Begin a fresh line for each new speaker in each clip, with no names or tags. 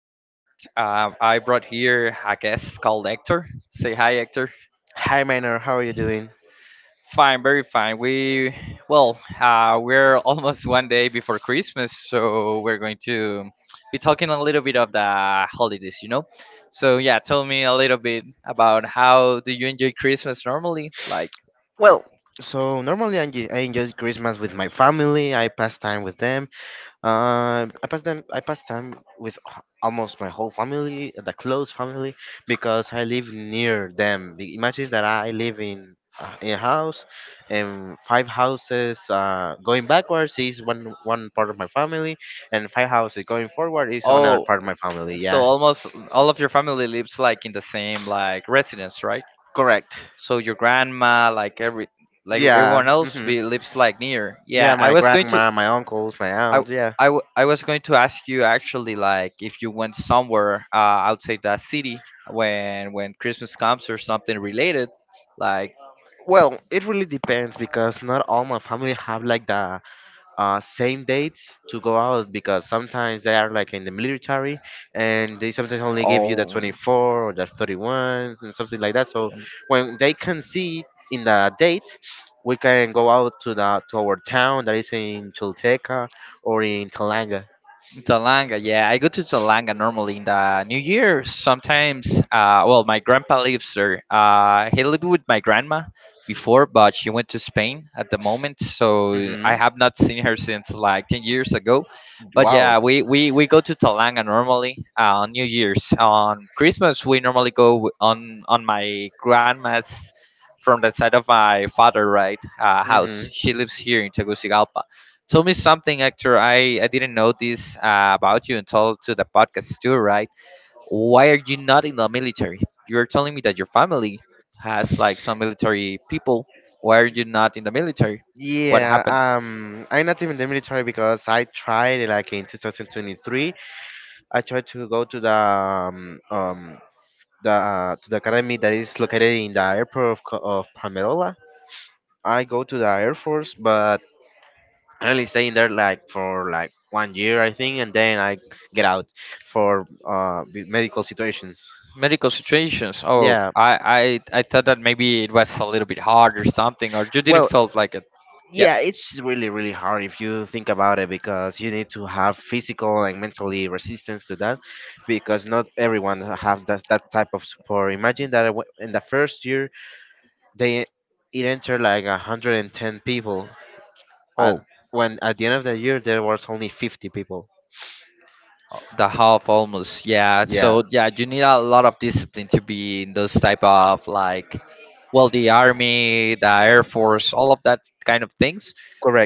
podcast. I brought here a guest called Hector. Say hi, Hector.
Hi, Minor. How are you doing?
Fine, very fine. We're almost 1 day before Christmas, so we're going to be talking a little bit of the holidays, you know? So, yeah, tell me a little bit about how do you enjoy Christmas normally? Like,
Well, so normally I enjoy Christmas with my family. I pass time with them. I pass them. I pass time with almost my whole family, the close family, because I live near them. Imagine that I live in a house, and five houses. Going backwards is one part of my family, and five houses going forward is another
oh,
part of my family.
so
Yeah,
almost all of your family lives like in the same like residence, right?
correct.
So your grandma, like
Yeah.
everyone else,
hmm
be, lives like near.
Yeah,
Yeah,
my grandma, my uncles, my
I,
aunts. Yeah.
I was going to ask you actually, like if you went somewhere outside that city when Christmas comes or something related, like
Well, it really depends because not all my family have like the same dates to go out because sometimes they are like in the military and they sometimes only give you the
oh.
24 or the 31 and something like that. So when they can see in the date, we can go out to the to our town that is in Chilteca or in Talanga.
Talanga, yeah. I go to Talanga normally in the New Year. My grandpa lives there. He lived with my grandma before, but she went to Spain at the moment, so I
Hmm
have not seen her since like 10 years ago. But
Wow.
yeah, we go to Talanga normally on New Year's. On Christmas, we normally go on my grandma's from the side of my father,
Mm-hmm.
house. She lives here in Tegucigalpa. Tell me something, Hector. I didn't know this about you until to the podcast too, right? Why are you not in the military? You're telling me that your family has like some military people. Why are you not in the military? What
Yeah,
happened?
I'm not even in the military because I tried it, like in 2023. I tried to go to the to the academy that is located in the airport of, of Palmerola. I go to the Air Force, but I only stay in there like for like 1 year, I think, and then I get out for the medical situations.
Medical situations.
Yeah.
I thought that maybe it was a little bit hard or something, or you didn't
Well.
felt like it. Yeah.
Yeah, it's really, really hard if you think about it because you need to have physical and mentally resistance to that because not everyone have that type of support. Imagine that in the first year they it entered like 110 people at
Oh,
when at the end of the year there was only 50 people.
uh, the half almost, yeah,
Yeah,
so yeah, you need a lot of discipline to be in those type of like, well, the army, the air force, all of that kind of things.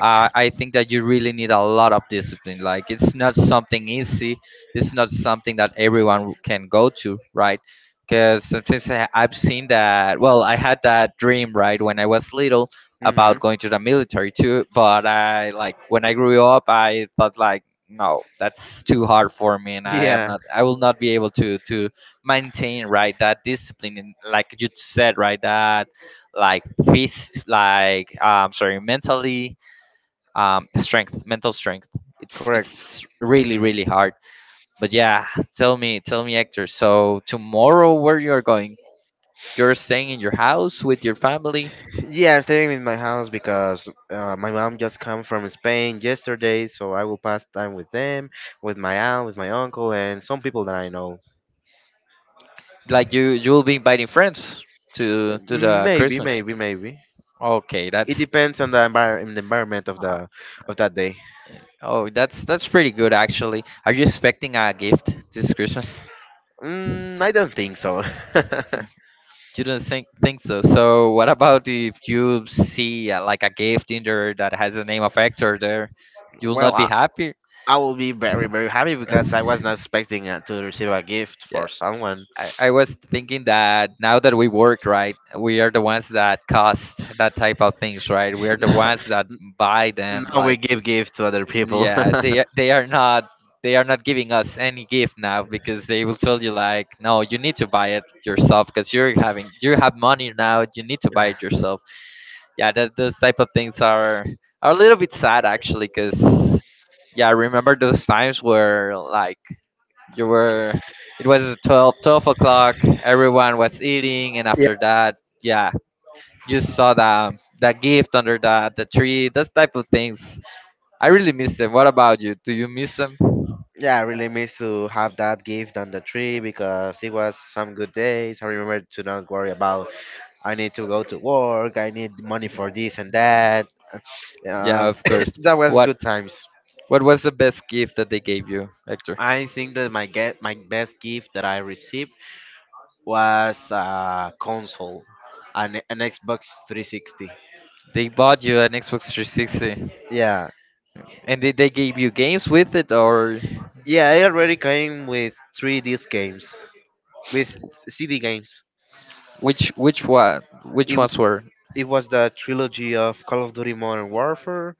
I think that you really need a lot of discipline. Like, it's not something easy, it's not something that everyone can go to, right? Because sometimes I've seen that, well, I had that dream, right, when I was little about
Mhm.
going to the military too, but I like when I grew up I thought like no, that's too hard for me and
Yeah,
I will not be able to maintain, right, that discipline, and like you said, right, that like peace, like, sorry, mentally, strength, mental strength. it's
correct.
it's really
Mhm.
really hard. But yeah, tell me, Hector, so tomorrow where you're going, you're staying in your house with your family.
Yeah, I'm staying in my house because my mom just come from Spain yesterday, so I will pass time with them, with my aunt, with my uncle, and some people that I know.
Like, you will be inviting friends to the
Maybe,
Christmas.
maybe, maybe.
Okay,
It
that's,
depends on the envir- in the environment of the of that day.
oh, that's pretty good actually. Are you expecting a gift this Christmas?
Mm, I don't think so.
Mm, you don't think so. So what about if you see like a gift in there that has the name of Hector there? You will
Well,
not be happy.
I will be very very happy because I was not expecting to receive a gift
Yeah,
for someone.
I was thinking that now that we work, right, we are the ones that cost that type of things, right? We are the ones that buy them.
Now we
Like,
give gifts to other people.
yeah, they are not giving us any gift now because they will tell you like no, you need to buy it yourself, because you're having you have money now, you need to buy
Yeah,
it yourself. Yeah, that those type of things are a little bit sad actually, because yeah, I remember those times where like you were it was 12 12 o'clock, everyone was eating, and after that, yeah, you saw the gift under the tree, those type of things. I really miss them. What about you? Do you miss them?
yeah, I really miss to have that gift on the tree because it was some good days. I remember to not worry about I need to go to work, I need money for this and that.
Yeah,
Um,
of course.
that was
What
good times.
What was the best gift that they gave you, Hector?
I think that my best gift that I received was a console, an Xbox 360.
They bought you an Xbox 360,
Yeah,
and did they gave you games with it, or
yeah, I already came with three disc games, with CD games.
which
It
ones were?
it was the trilogy of Call of Duty Modern Warfare.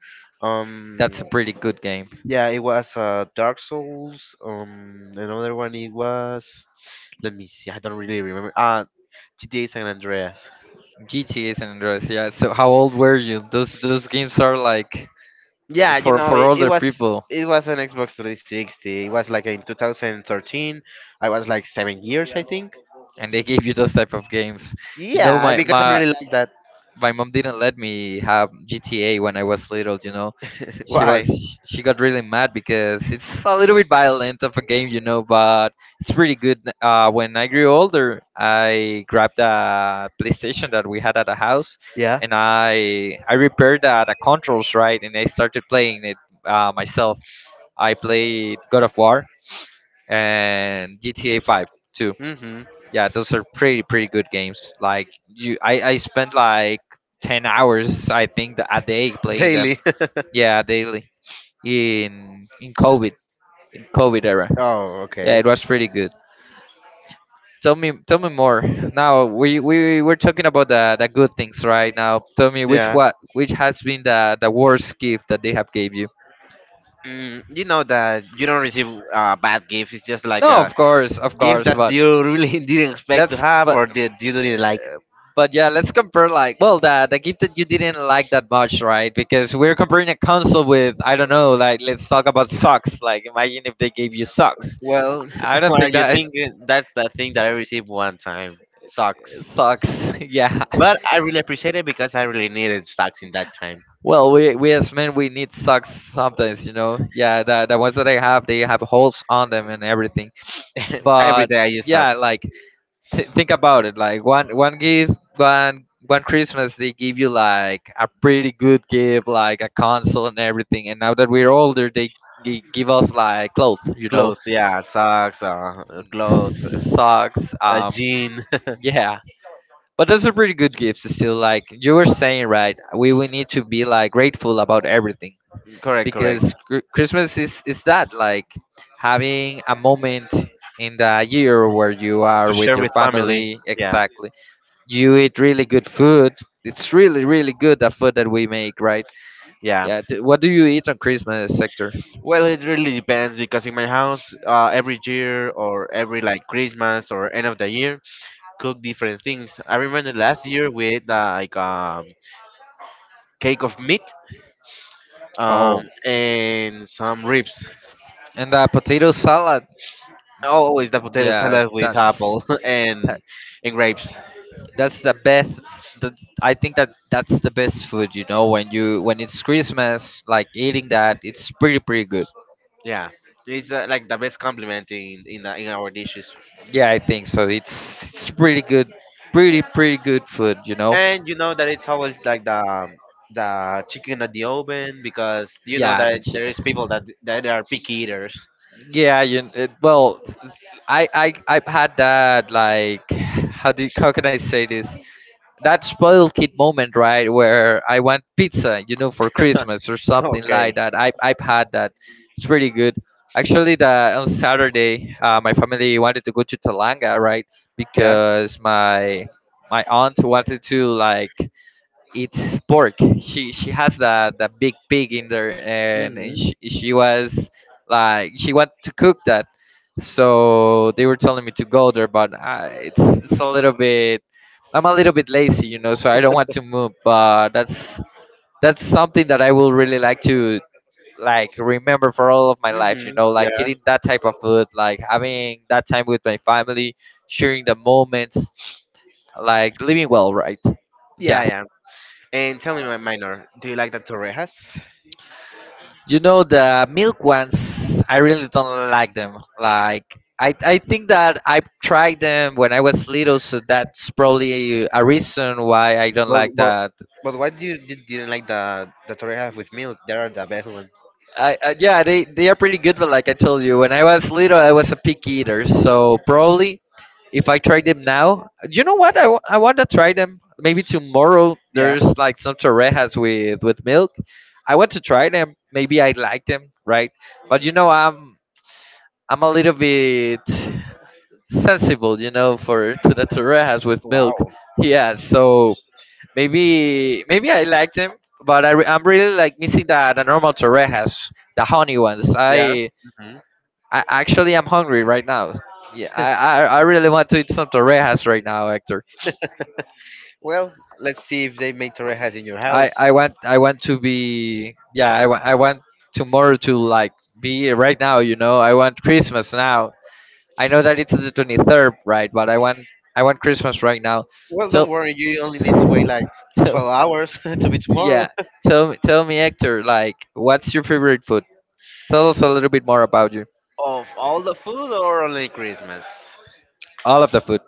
That's a
Um,
pretty good game.
yeah, it was Dark Souls. Another one it was. Let me see. I don't really remember. GTA San Andreas.
GTA San Andreas. Yeah. So how old were you? Those games are like
Yeah, you
for
know,
older people.
it was an Xbox 360. It was like in 2013. I was like 7 years, I think.
And they gave you those type of games. You know,
Yeah, because I really like that.
my mom didn't let me have GTA when I was little. She was
Why?
she got really mad because it's a little bit violent of a game, you know, but it's really good. When I grew older, I grabbed a PlayStation that we had at the house,
Yeah.
and I repaired the controls, right, and I started playing it myself. I played God of War and GTA 5 too.
Mm-hmm.
Yeah, those are pretty pretty good games. Like you, I spent like 10 hours, I think a day playing them.
Daily.
Yeah, daily in COVID, in COVID era.
Oh,
Yeah,
okay.
it was pretty good. Tell me more. Now we were talking about the good things right now. Tell me which has been the worst gift that they have gave you.
Mm, you know that you don't receive a bad gift. It's just like
No,
a
of
gift
course,
that
but
you really didn't expect to
let's
have, or didn't like.
but yeah, let's compare like, well, the gift that you didn't like that much, right? Because we're comparing a console with, I don't know, like let's talk about socks. Like imagine if they gave you socks.
Well,
I don't
what are
think
you
that,
thinking? That's the thing that I received one time. Socks.
socks, yeah.
But I really appreciate it because I really needed socks in that time.
Well, we as men we need socks sometimes, you know. Yeah, the ones that I have, they have holes on them and everything.
Every
But
day I use
yeah,
socks.
like think about it. Like one one gift, one one Christmas, they give you like a pretty good gift, like a console and everything. And now that we're older, they give us like clothes, you know,
Clothes, yeah, socks, clothes,
socks.
a jean.
Yeah. But those are pretty good gifts still. Like you were saying, right? We need to be like grateful about everything,
Correct, correct.
because Christmas is that like having a moment in the year where you are
To
with
share
your
with family.
family.
Yeah,
Exactly. You eat really good food. It's really really good the food that we make, right?
yeah.
Yeah. What do you eat on Christmas, Sector?
Well, it really depends because in my house, every year or every like Christmas or end of the year, cook different things. I remember last year we ate like cake of meat
Oh,
and some ribs.
and the potato salad.
Always the potato
Yeah,
salad with apple and grapes.
that's the best that's, I think that that's the best food, you know, when you when it's Christmas, like eating that, it's pretty pretty good.
Yeah, it's like the best compliment in our dishes.
Yeah, I think so, it's pretty good, pretty pretty good food, you know.
And you know that it's always like the chicken at the oven because you know
Yeah, the
that there
chicken,
is people that are picky eaters.
yeah, well, I've had that, like, how do how can I say this, that spoiled kid moment, right, where I want pizza, you know, for Christmas or something
Okay.
like that. I've had that. It's pretty good. Actually, the on Saturday, my family wanted to go to Talanga, right,
Yeah.
because my aunt wanted to like, it's pork. She has the big pig in there, and
Mhm.
she was like she wanted to cook that. So they were telling me to go there, but it's a little bit. I'm a little bit lazy, you know, so I don't want to move. But that's something that I will really like to like remember for all of my life, you
Mhm.
know, like
Yeah.
eating that type of food, like having that time with my family, sharing the moments, like living well, right?
Yeah.
Yeah,
Yeah. And tell me, my minor, do you like the torrejas?
you know the milk ones, I really don't like them. Like I think that I tried them when I was little, so that's probably a reason why I don't
Well,
like
well,
that.
but why do you didn't like the torrejas with milk? They are the best one.
I yeah, they are pretty good, but like I told you, when I was little, I was a picky eater, so probably if I try them now, you know what? I want to try them. Maybe tomorrow
Yeah.
there's like some torrejas with milk. I want to try them. Maybe I like them, right? But you know, I'm a little bit sensible, you know, for to the torrejas with milk.
Wow.
Yeah, so maybe I like them, but I'm really like missing the normal torrejas, the honey ones.
Yeah. Mhm.
I actually am hungry right now. Yeah, I really want to eat some torrejas right now, Hector.
Well, let's see if they make torrejas in your house.
I want to be yeah I want tomorrow to like be right now. You know, I want Christmas now. I know that it's the 23rd, right? But I want Christmas right now.
Well,
So,
don't worry. You only need to wait like
so,
12 hours to be tomorrow.
yeah. Tell me, Hector. Like, what's your favorite food? Tell us a little bit more about you.
Of all the food or only Christmas?
All of the food.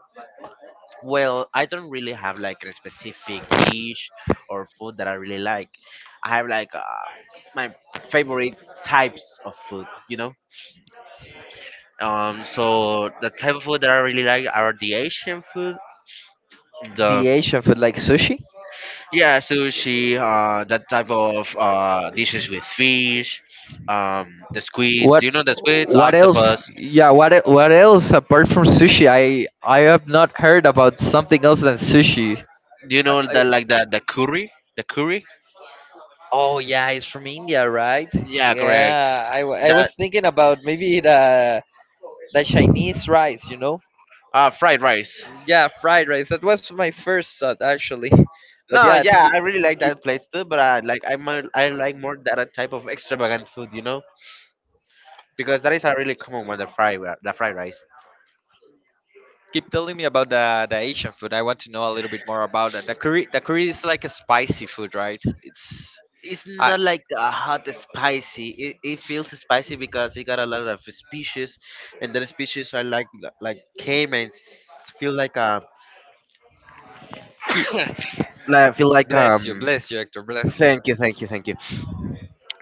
Well, I don't really have like a specific dish or food that I really like. I have like my favorite types of food, you know. So the type of food that I really like are the Asian food,
The
the
Asian food, like sushi.
yeah sushi, that type of dishes with fish, um, the squids.
What
You know the squids,
what else?
octopus.
Yeah, what what else apart from sushi? I have not heard about something else than sushi.
Do you
I,
know that
I,
like the curry, the curry?
oh yeah, it's from India, right?
Yeah, correct.
Yeah, I
That
was thinking about maybe the Chinese rice, you know?
fried rice.
Yeah, fried rice. That was my first thought actually. But
No,
yeah, to
yeah, I really like
keep
that place too, but I like more that type of extravagant food, you know, because that is a really common one, the the fried rice.
keep telling me about the Asian food. I want to know a little bit more about that. The curry is like a spicy food, right? It's
It's
I
not like a hot spicy. It feels spicy because it got a lot of species, and the species are like feel like a like, feel like
bless you, Hector, bless you.
thank you, thank you, thank you.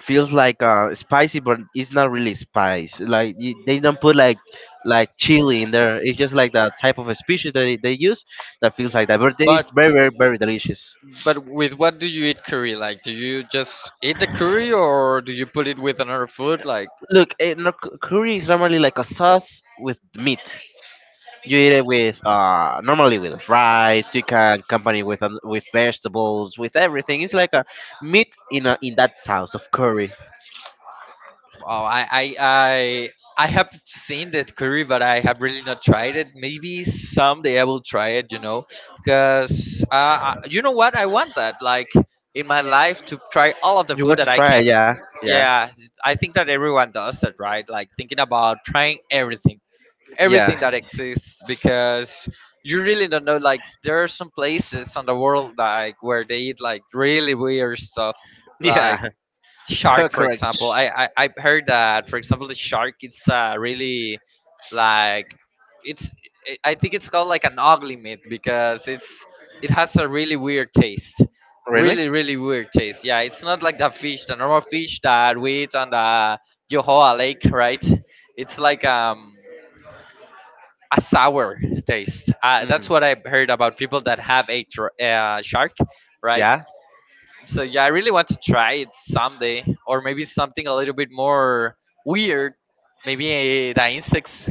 Feels like spicy but it's not really spice like they don't put like chili in there. It's just like the type of a species that they use that feels like that but
But
it's very very very delicious.
But with what do you eat curry? Like, do you just eat the curry, or do you put it with another food? Like,
Look no, curry is normally like a sauce with meat. You eat it with normally with rice. You can accompany with vegetables, with everything. It's like a meat in that sauce of curry.
oh, I have seen that curry, but I have really not tried it. Maybe someday I will try it. You know, because You know what? I want that. Like in my life, to try all of the
You
food
want
that
to
I
try
can.
it, yeah. Yeah.
Yeah, I think that everyone does that, right? Like thinking about trying everything
Yeah.
that exists because you really don't know, like there are some places on the world like where they eat like really weird stuff like
Yeah. Co-
shark, for
correct.
example. I've heard that, for example, the shark, it's really like, it's I think it's called like an ugly meat because it's, it has a really weird taste,
Really.
really really weird taste. Yeah, it's not like the fish, the normal fish that we eat on the Johoa Lake, right? It's like a sour taste. That's
Mm.
what I heard about people that have shark, right?
Yeah.
So yeah, I really want to try it someday, or maybe something a little bit more weird. Maybe the insects.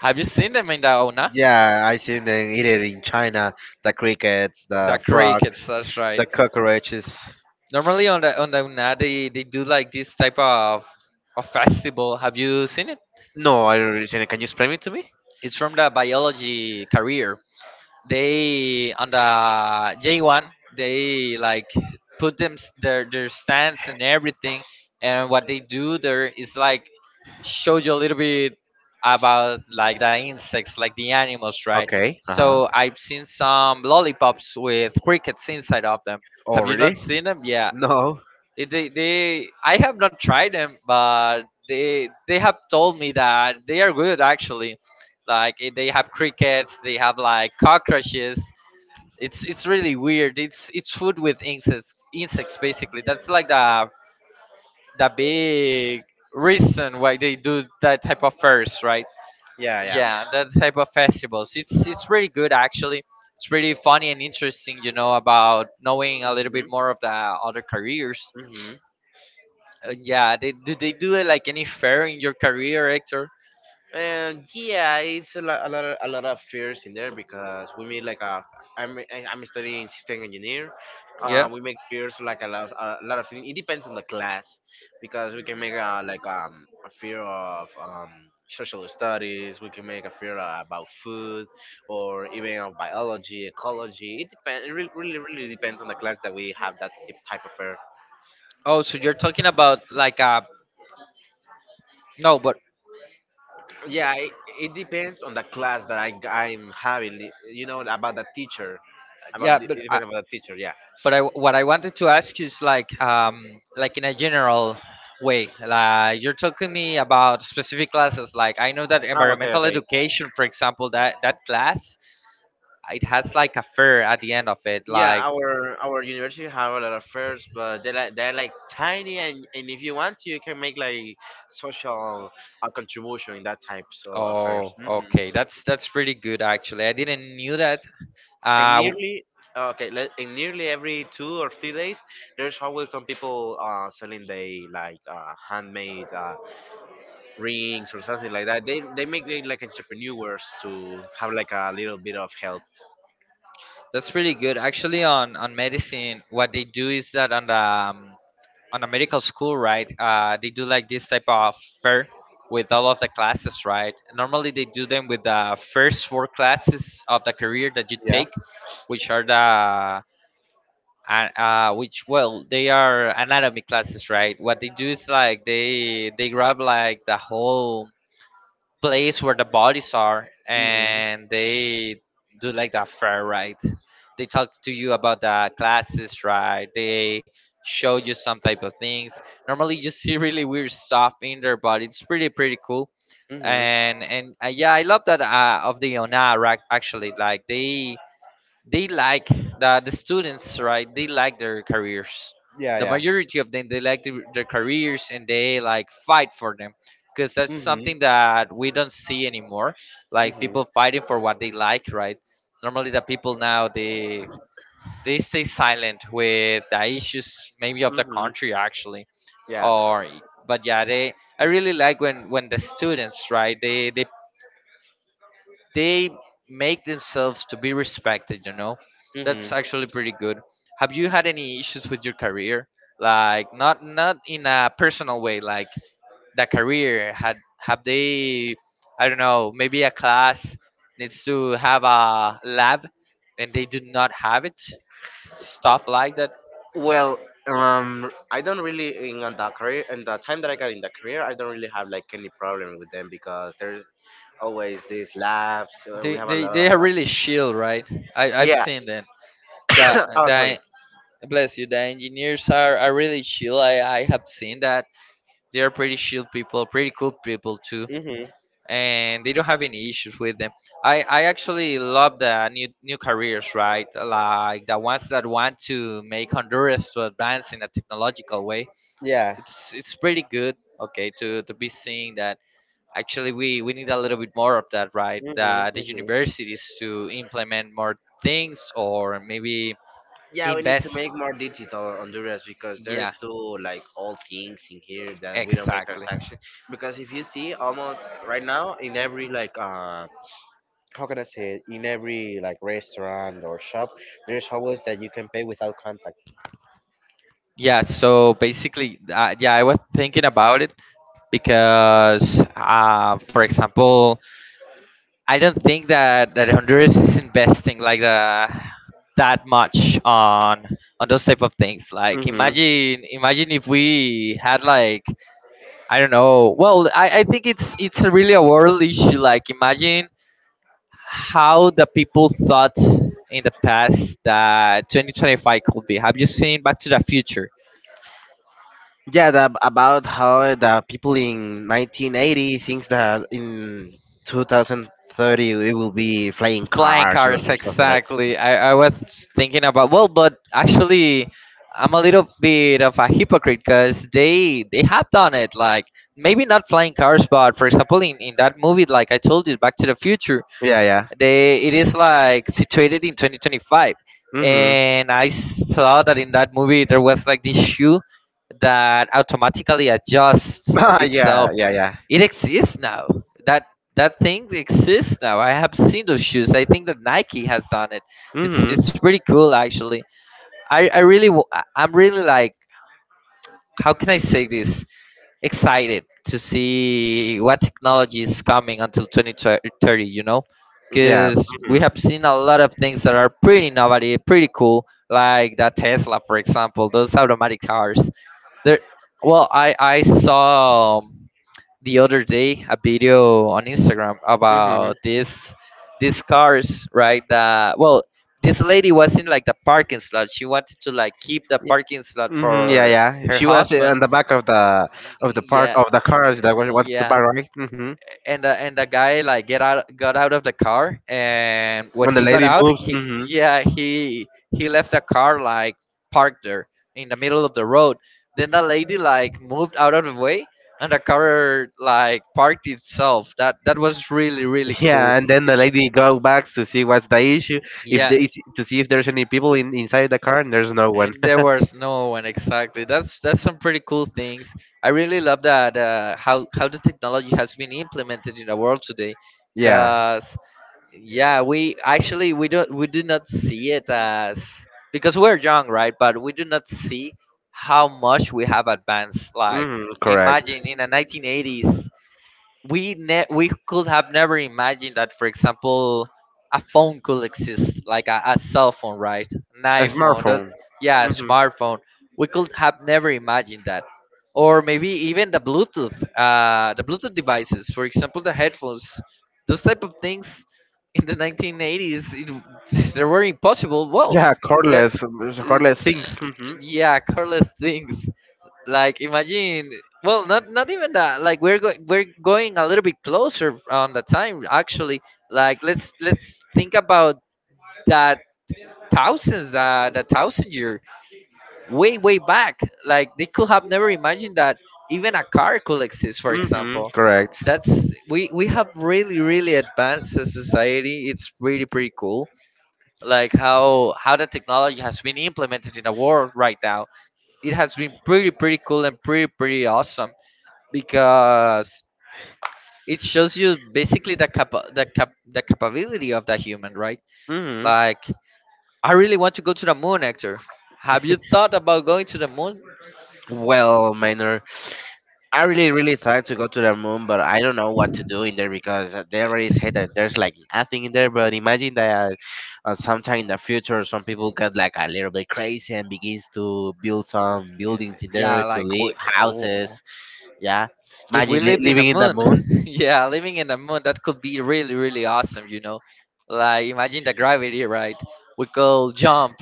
Have you seen them in the Una?
Yeah, I seen them eat it in China. The crickets,
The
the
crickets.
frogs,
That's right.
the cockroaches.
Normally on the Una, they do like this type of festival. Have you seen it?
No, I don't really see it. Can you explain it to me?
It's from the biology career. They on the J1, they like put their stance and everything, and what they do there is like show you a little bit about like the insects, like the animals, right?
Okay. Uh huh.
So I've seen some lollipops with crickets inside of them.
Oh,
Have you
really?
not seen them? Yeah.
No.
They I have not tried them, but they have told me that they are good, actually. Like they have crickets, they have like cockroaches. It's really weird. It's food with insects, insects basically. That's like the big reason why they do that type of fairs, right?
Yeah, yeah.
Yeah, that type of festivals. It's really good, actually. It's really funny and interesting, you know, about knowing a little bit more of the other careers.
hmm
Yeah, they do it like any fair in your career, Hector?
And yeah, it's a lot of fears in there because we made like a. I'm studying system engineer.
Yeah.
We make fears like a lot of things. It depends on the class because we can make a, like a fear of social studies. We can make a fear about food or even of biology, ecology. It depends. It really, really, really depends on the class that we have that type of fear.
Oh, so you're talking about like no, but
Yeah, it depends on the class that I'm having. You know about the teacher about
yeah,
the, it depends about the teacher, yeah.
but I, what I wanted to ask is like in a general way, like you're talking me about specific classes. Like I know that
Oh, okay,
environmental
okay.
education, for example, that that class, it has like a fair at the end of it.
Yeah,
Like,
our university have a lot of fairs, but they're like tiny, and if you want to, you can make like social contribution in that type so affairs.
oh,
Hmm
okay, that's pretty good, actually. I didn't knew that.
And
Uh, w-
nearly okay, and nearly every 2 or 3 days, there's always some people selling they like handmade rings or something like that. They make it like entrepreneurs to have like a little bit of help.
that's pretty good, actually. On medicine, what they do is that on the on a medical school, right, they do like this type of fair with all of the classes, right? Normally, they do them with the first four classes of the career that you
Yeah.
take, which are the which well, they are anatomy classes, right? What they do is like they grab like the whole place where the bodies are,
Mm-hmm.
and they do like that fair ride. They talk to you about the classes, right? They show you some type of things. Normally, you see really weird stuff in there, but it's pretty pretty cool.
Mm-hmm.
And Yeah, I love that of the Ona, right? Actually, like they like the students, right? They like their careers,
Yeah,
the
yeah.
majority of them. They like their careers, and they like fight for them, because that's
Mhm.
something that we don't see anymore. Like
Mhm.
people fighting for what they like, right? Normally, the people now, they stay silent with the issues, maybe of the
Mhm.
country, actually.
Yeah.
Or, but yeah, they, I really like when the students, right, they make themselves to be respected, you know. That's
Mhm.
actually pretty good. Have you had any issues with your career? Like, not not in a personal way. Like, the career had, have they, I don't know, maybe a class needs to have a lab and they do not have it, stuff like that.
Well, I don't really in on that career, and the time that I got in the career, I don't really have like any problem with them because there's always these labs. We
they
have a
they,
lot
they
of
are really
labs.
chill, right? I, I've
Yeah.
seen that. the,
Oh, sorry.
the, bless you, the engineers are really chill. I have seen that. They are pretty chill people, pretty cool people too,
Mhm.
and they don't have any issues with them. I actually love the new careers, right? Like the ones that want to make Honduras to advance in a technological way.
Yeah.
It's pretty good, okay, to be seeing that. Actually, we need a little bit more of that, right?
Mhm.
The
Mhm.
universities to implement more things or maybe
Yeah, we need to
invest.
make more digital on Honduras because there is
Yeah,
still like all things in here that we don't make
exactly.
transaction. Because if you see, almost right now in every like how can I say it? In every like restaurant or shop, there's always that you can pay without contact.
Yeah, so basically, yeah, I was thinking about it, because for example, I don't think that that Honduras is investing like the that much on those type of things. Like
Mm-hmm.
imagine, imagine if we had like, I don't know. Well, I think it's a really a world issue. Like imagine how the people thought in the past that 2025 could be. Have you seen Back to the Future?
Yeah, that about how the people in 1980 thinks that in 2030 it will be flying
Flying
cars
cars,
or something like.
exactly. I was thinking about, well, but actually, I'm a little bit of a hypocrite because they have done it. Like, maybe not flying cars, but for example, in that movie, like I told you, Back to the Future,
Yeah, yeah.
they, it is like situated in 2025,
Mm-hmm.
and I saw that in that movie there was like this shoe that automatically adjusts
Yeah,
itself.
yeah, yeah.
It exists now. That that thing exists now. I have seen those shoes. I think that Nike has done it.
Mm-hmm.
It's pretty cool, actually. I'm really like, how can I say this? Excited to see what technology is coming until 2030. You know,
Yeah.
because we
Mm-hmm.
have seen a lot of things that are pretty innovative, pretty cool, like the Tesla, for example. Those automatic cars. There. Well, I saw the other day a video on Instagram
Mm-hmm.
about this these cars, right? That, well, this lady was in like the parking slot. She wanted to like keep the parking slot
Mm-hmm, yeah,
for
yeah.
her
She was
husband.
on the back of the park
Yeah,
of the
yeah,
car that was wants to
yeah
buy, right? Mm-hmm.
and the guy like get out got out of the car, and when
When the
he got
lady
out,
moves,
he,
mm-hmm.
yeah, he left the car like parked there in the middle of the road. Then the lady like moved out of the way, and the car like parked itself. That that was really really cool.
Yeah, and then the lady go back to see what's the issue, if
Yeah,
there is to see if there's any people in inside the car, and there's no one.
and there was no one, exactly. That's some pretty cool things. I really love that how the technology has been implemented in the world today,
Yeah,
because, yeah, we actually we don't, we do not see it as, because we're young, right? But we do not see how much we have advanced. Like,
mm, correct.
imagine in the 1980s, we ne- we could have never imagined that, for example, a phone could exist, like a cell phone, right? An
A
iPhone, those,
smartphone.
yeah, a
Mm-hmm.
smartphone. We could have never imagined that. Or maybe even the Bluetooth, the Bluetooth devices, for example, the headphones, those type of things in the 1980s, it, they were impossible. Well,
Yeah,
let's
cordless, so
l-
cordless things. Mm-hmm.
yeah, careless things. Like imagine, well, not not even that. Like we're going, we're going a little bit closer on the time, actually. Like, let's think about that, thousands the thousand year, way way back. Like, they could have never imagined that even a car could exist, for
Mm-hmm.
example.
Correct.
That's, we have really really advanced as society. It's really pretty cool, like how the technology has been implemented in the world right now. It has been pretty pretty cool and pretty pretty awesome, because it shows you basically the capability of that human, right?
Hmm
Like, I really want to go to the moon, Hector. Have you thought about going to the moon?
Well, Minor, I really, really thought to go to the moon, but I don't know what to do in there because they already said that there's like nothing in there. But imagine that sometime in the future, some people get like a little bit crazy and begins to build some buildings in
Yeah,
there to
like
live
w-
houses. Yeah,
if we
imagine
lived in the
living in the
moon,
moon.
yeah, living in the moon, that could be really really awesome, you know. Like imagine the gravity, right? We could jump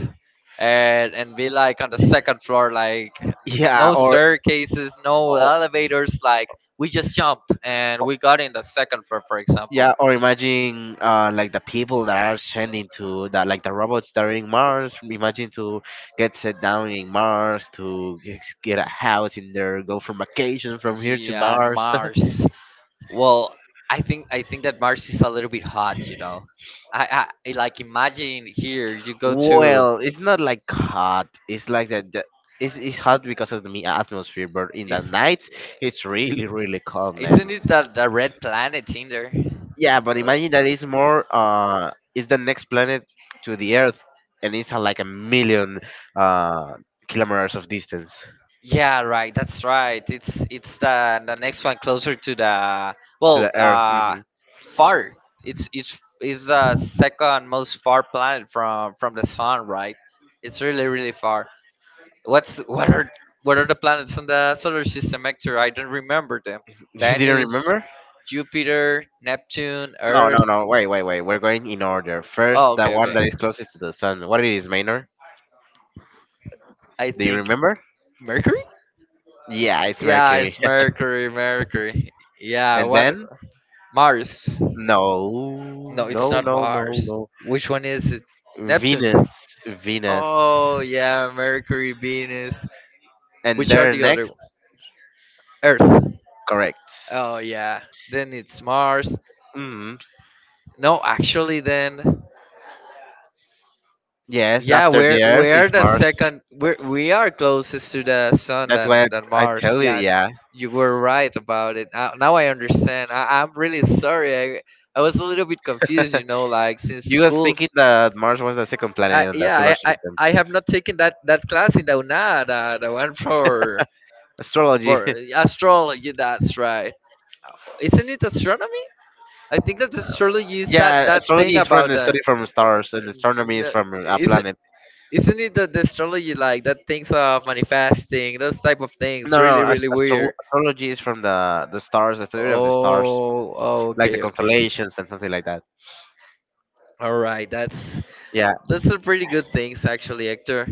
and be like on the second floor, like
Yeah,
no
or
staircases, no elevators. Like, we just jumped and we got in the second floor, for example.
yeah, or imagine like the people that are sending to that, like the robots that are in Mars. Imagine to get set down in Mars, to get a house in there, go from vacation from here to
Yeah,
Mars.
Mars. Well, I think that Mars is a little bit hot, you know. I like imagine here you go to,
Well, it's not like hot. It's like that. It's hot because of the atmosphere, but in the
is,
night, it's really, really cold,
isn't
man.
it the red planet in there?
Yeah, but
Uh,
imagine that it's more. It's the next planet to the Earth, and it's like a million uh kilometers of distance.
Yeah, right. That's right. It's the next one closer to the,
To
well,
the Earth. Hmm
far. It's it's the second most far planet from the sun, right? It's really really far. What's what are what are the planets in the solar system, Hector? I don't remember them.
You didn't
Venus,
remember?
Jupiter, Neptune,
No,
Earth.
no, no. Wait, wait, wait. We're going in order. First,
Oh,
the
okay,
one
okay.
that is closest to the sun. What it is, Maynard?
I
Do you
think
remember?
Mercury.
Yeah, it's
Yeah,
Mercury.
it's Mercury. Mercury. Yeah.
And
What?
then,
Mars.
no,
No,
no,
it's not
no, no,
Mars.
no.
Which one is it? Neptune.
Venus, Venus.
Oh yeah, Mercury, Venus.
And
Which are
then
the other one?
next,
Earth.
correct.
Oh yeah. Then it's Mars.
Mm,
No, actually then
yes,
yeah,
after
we're
the Earth is
we're the
Mars.
second we are closest to the sun
That's why
than
I
Mars.
tell you,
Yeah,
yeah.
you were right about it. Now I understand. I'm really sorry. I was a little bit confused, you know, like since
You was
school
thinking that Mars was the second
I,
planet in the solar
yeah, I, I,
system.
I have not taken that class in the UNA, the one
Astrology.
for astrology. That's right. Isn't it astronomy? I think that astrology is that,
Yeah,
that
astrology
thing
is from
about
the study
the.
from stars, and astronomy is from
Is
planets.
isn't it the astrology like that things of manifesting those type of things?
No,
Really,
no,
really weird.
astrology is from the stars, the study of the stars,
Oh,
like the
okay.
constellations and something like that.
All right, that's
Yeah,
those are pretty good things actually, Hector.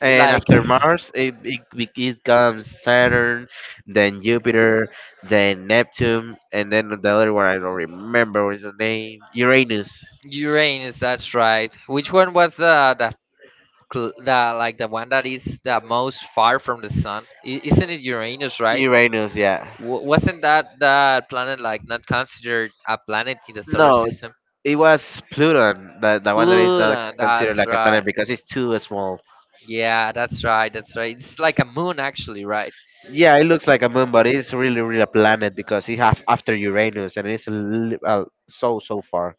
and
Like
after Mars, it comes Saturn, then Jupiter, then Neptune, and then the other one I don't remember what is the name. Uranus.
Uranus, that's right. Which one was the like the one that is the most far from the sun isn't it uranus, right?
Uranus, yeah.
Wasn't that that planet like not considered a planet in the solar
No,
system?
it was Pluto, the one that is not
Pluto,
considered
that's
like a planet
right.
because it's too small.
Yeah, that's right. It's like a moon actually, right?
Yeah, it looks like a moon, but it's really, really a planet because it's half after Uranus and it's so, so far.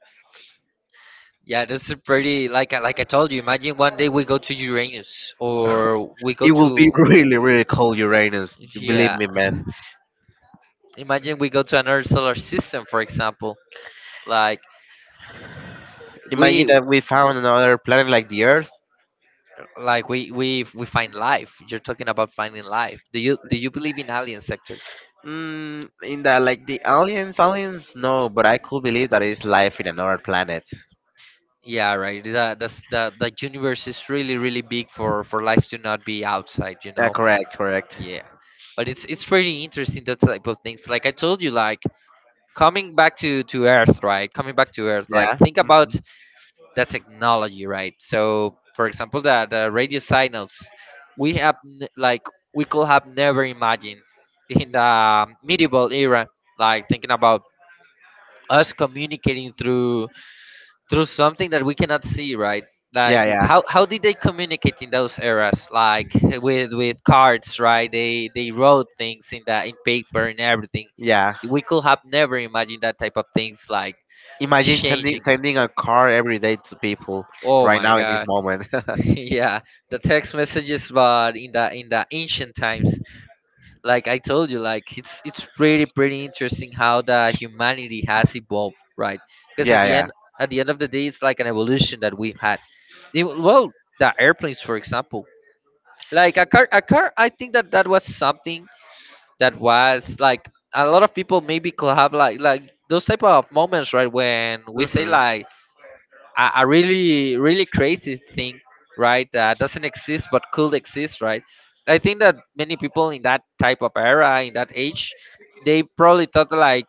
Yeah, this is pretty like like I told you, imagine one day we go to uranus or we go
It
to
will be really, really cold Uranus. Believe
yeah,
me, man.
imagine we go to another solar system, for example, like
Imagine
we
that we found another planet like the Earth.
Like we find life. You're talking about finding life. Do you believe in alien sector?
Mm, in the like the aliens, aliens, no, but I could believe that it's life in another planet.
Yeah, right. The universe is really really big for life to not be outside. You
Yeah,
know.
correct, correct.
Yeah, but it's pretty interesting that type of things. Like I told you, like coming back to Earth, right? Coming back to Earth, like
Yeah,
think
mm,
about the technology, right? So, for example, the radio signals we have like we could have never imagined in the medieval era. Like thinking about us communicating through through something that we cannot see, right?
yeah,
Like
yeah,
how did they communicate in those eras? Like with cards, right? They wrote things in that in paper and everything.
yeah.
We could have never imagined that type of things like
Imagine sending
changing.
sending a car every day to people
Oh
right
my
now in this
god.
moment.
yeah. The text messages but in the ancient times. Like I told you, like it's pretty pretty interesting how the humanity has evolved, right? Because
Yeah, yeah.
at the end of the day, it's like an evolution that we've had. It- well, the airplanes, for example, like a car, a car. I think that that was something that was like a lot of people maybe could have like those type of moments, right? When we say
Mhm.
like a really really crazy thing, right, that doesn't exist but could exist, right? I think that many people in that type of era in that age they probably thought like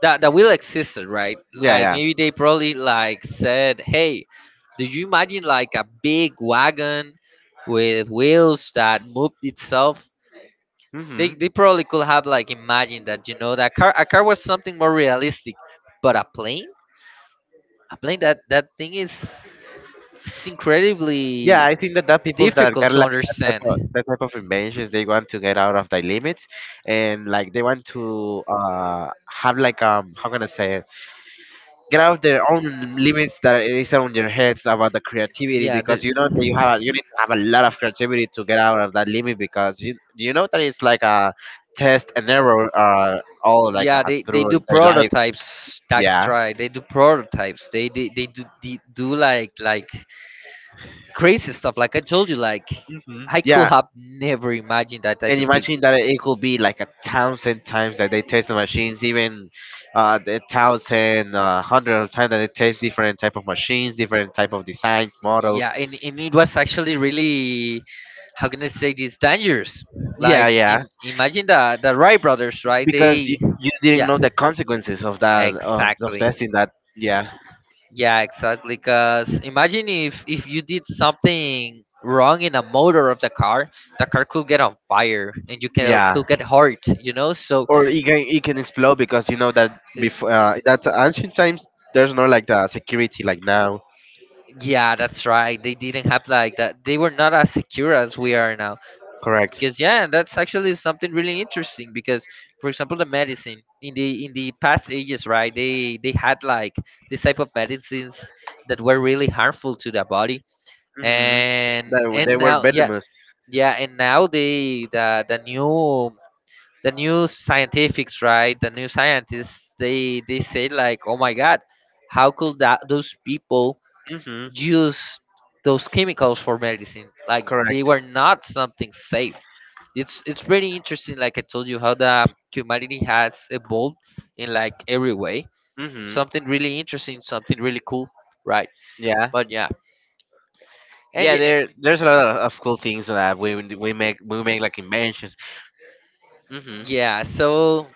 that that will existed, right?
Yeah,
Like
yeah.
maybe they probably like said, hey, do you imagine like a big wagon with wheels that moved itself? they,
Mhm.
they probably could have like imagined that, you know, that car a car was something more realistic, but a plane that that thing is it's
Yeah,
incredibly
I think that that people that
difficult
got
to
like that type of
understand.
inventions, they want to get out of their limits, and like they want to have like how can I say it? Get out of their own limits that it is on your heads about the creativity
Yeah, the,
because you know that you have a, you need to have a lot of creativity to get out of that limit because you know that it's like a test and error all like
yeah, they
through
do
their life.
prototypes. That's
Yeah.
right. They do prototypes. They do like crazy stuff. Like I told you, like
hmm
I could
Yeah,
have never imagined that type
and
of
imagine
things.
that it could be like a thousand times that they test the machines, even the thousand, hundred of times that they test different type of machines, different type of designs,
Yeah,
models.
and it was actually really, how can I say this, dangerous.
Yeah,
Like
yeah,
imagine the Wright brothers, right?
because
They
you didn't
yeah,
know the consequences of that of
exactly.
testing that. Yeah,
Yeah, exactly. Because imagine if you did something wrong in a motor of the car could get on fire and
yeah,
could get hurt. You know, so
or it can explode because you know that
uh,
before that ancient times there's no like the security like now.
yeah, that's right. They didn't have like that. They were not as secure as we are now.
Correct.
Because yeah, that's actually something really interesting. Because for example, the medicine in the past ages, right? They had like this type of medicines that were really harmful to the body.
Mm-hmm. That
And
they were
now, yeah,
venomous.
yeah and now they the new the new scientifics right the new scientists they say like oh my god how could that those people
Mm-hmm.
use those chemicals for medicine, like right, they
Correct.
were not something safe. It's pretty interesting like I told you how the humanity has evolved in like every way,
Mm-hmm.
something really interesting, something really cool, right?
Yeah.
But yeah, and
Yeah.
y- eh,
There, there's a lot of cool things that we make like inventions. Mm-hmm.
yeah, so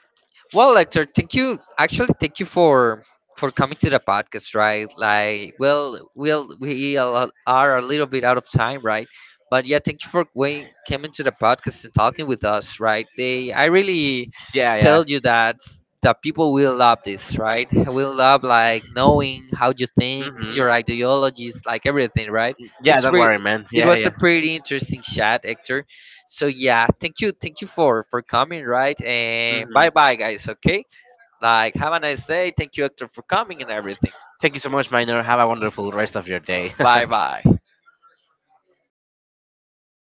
well, Hector, thank you. Actually, thank you for coming to the podcast, right? Like, well, we'll we a lot- are a little bit out of time, right? But yeah, thank you for when coming to the podcast and talking with us, right? They, I really
Yeah. Yeah.
tell you that the people will love this, right? Will love like knowing how you think,
Mm-hmm.
your ideologies, like everything, right?
Yeah.
It's
Don't
re-
worry, man.
it
Yeah.
was a
Yeah.
pretty interesting chat, Hector. So yeah, thank you for coming, right? And bye
Mm-hmm.
bye, guys. Okay, like have a nice day. Thank you, Hector, for coming and everything.
Thank you so much, Minor. Have a wonderful rest of your day.
Bye bye.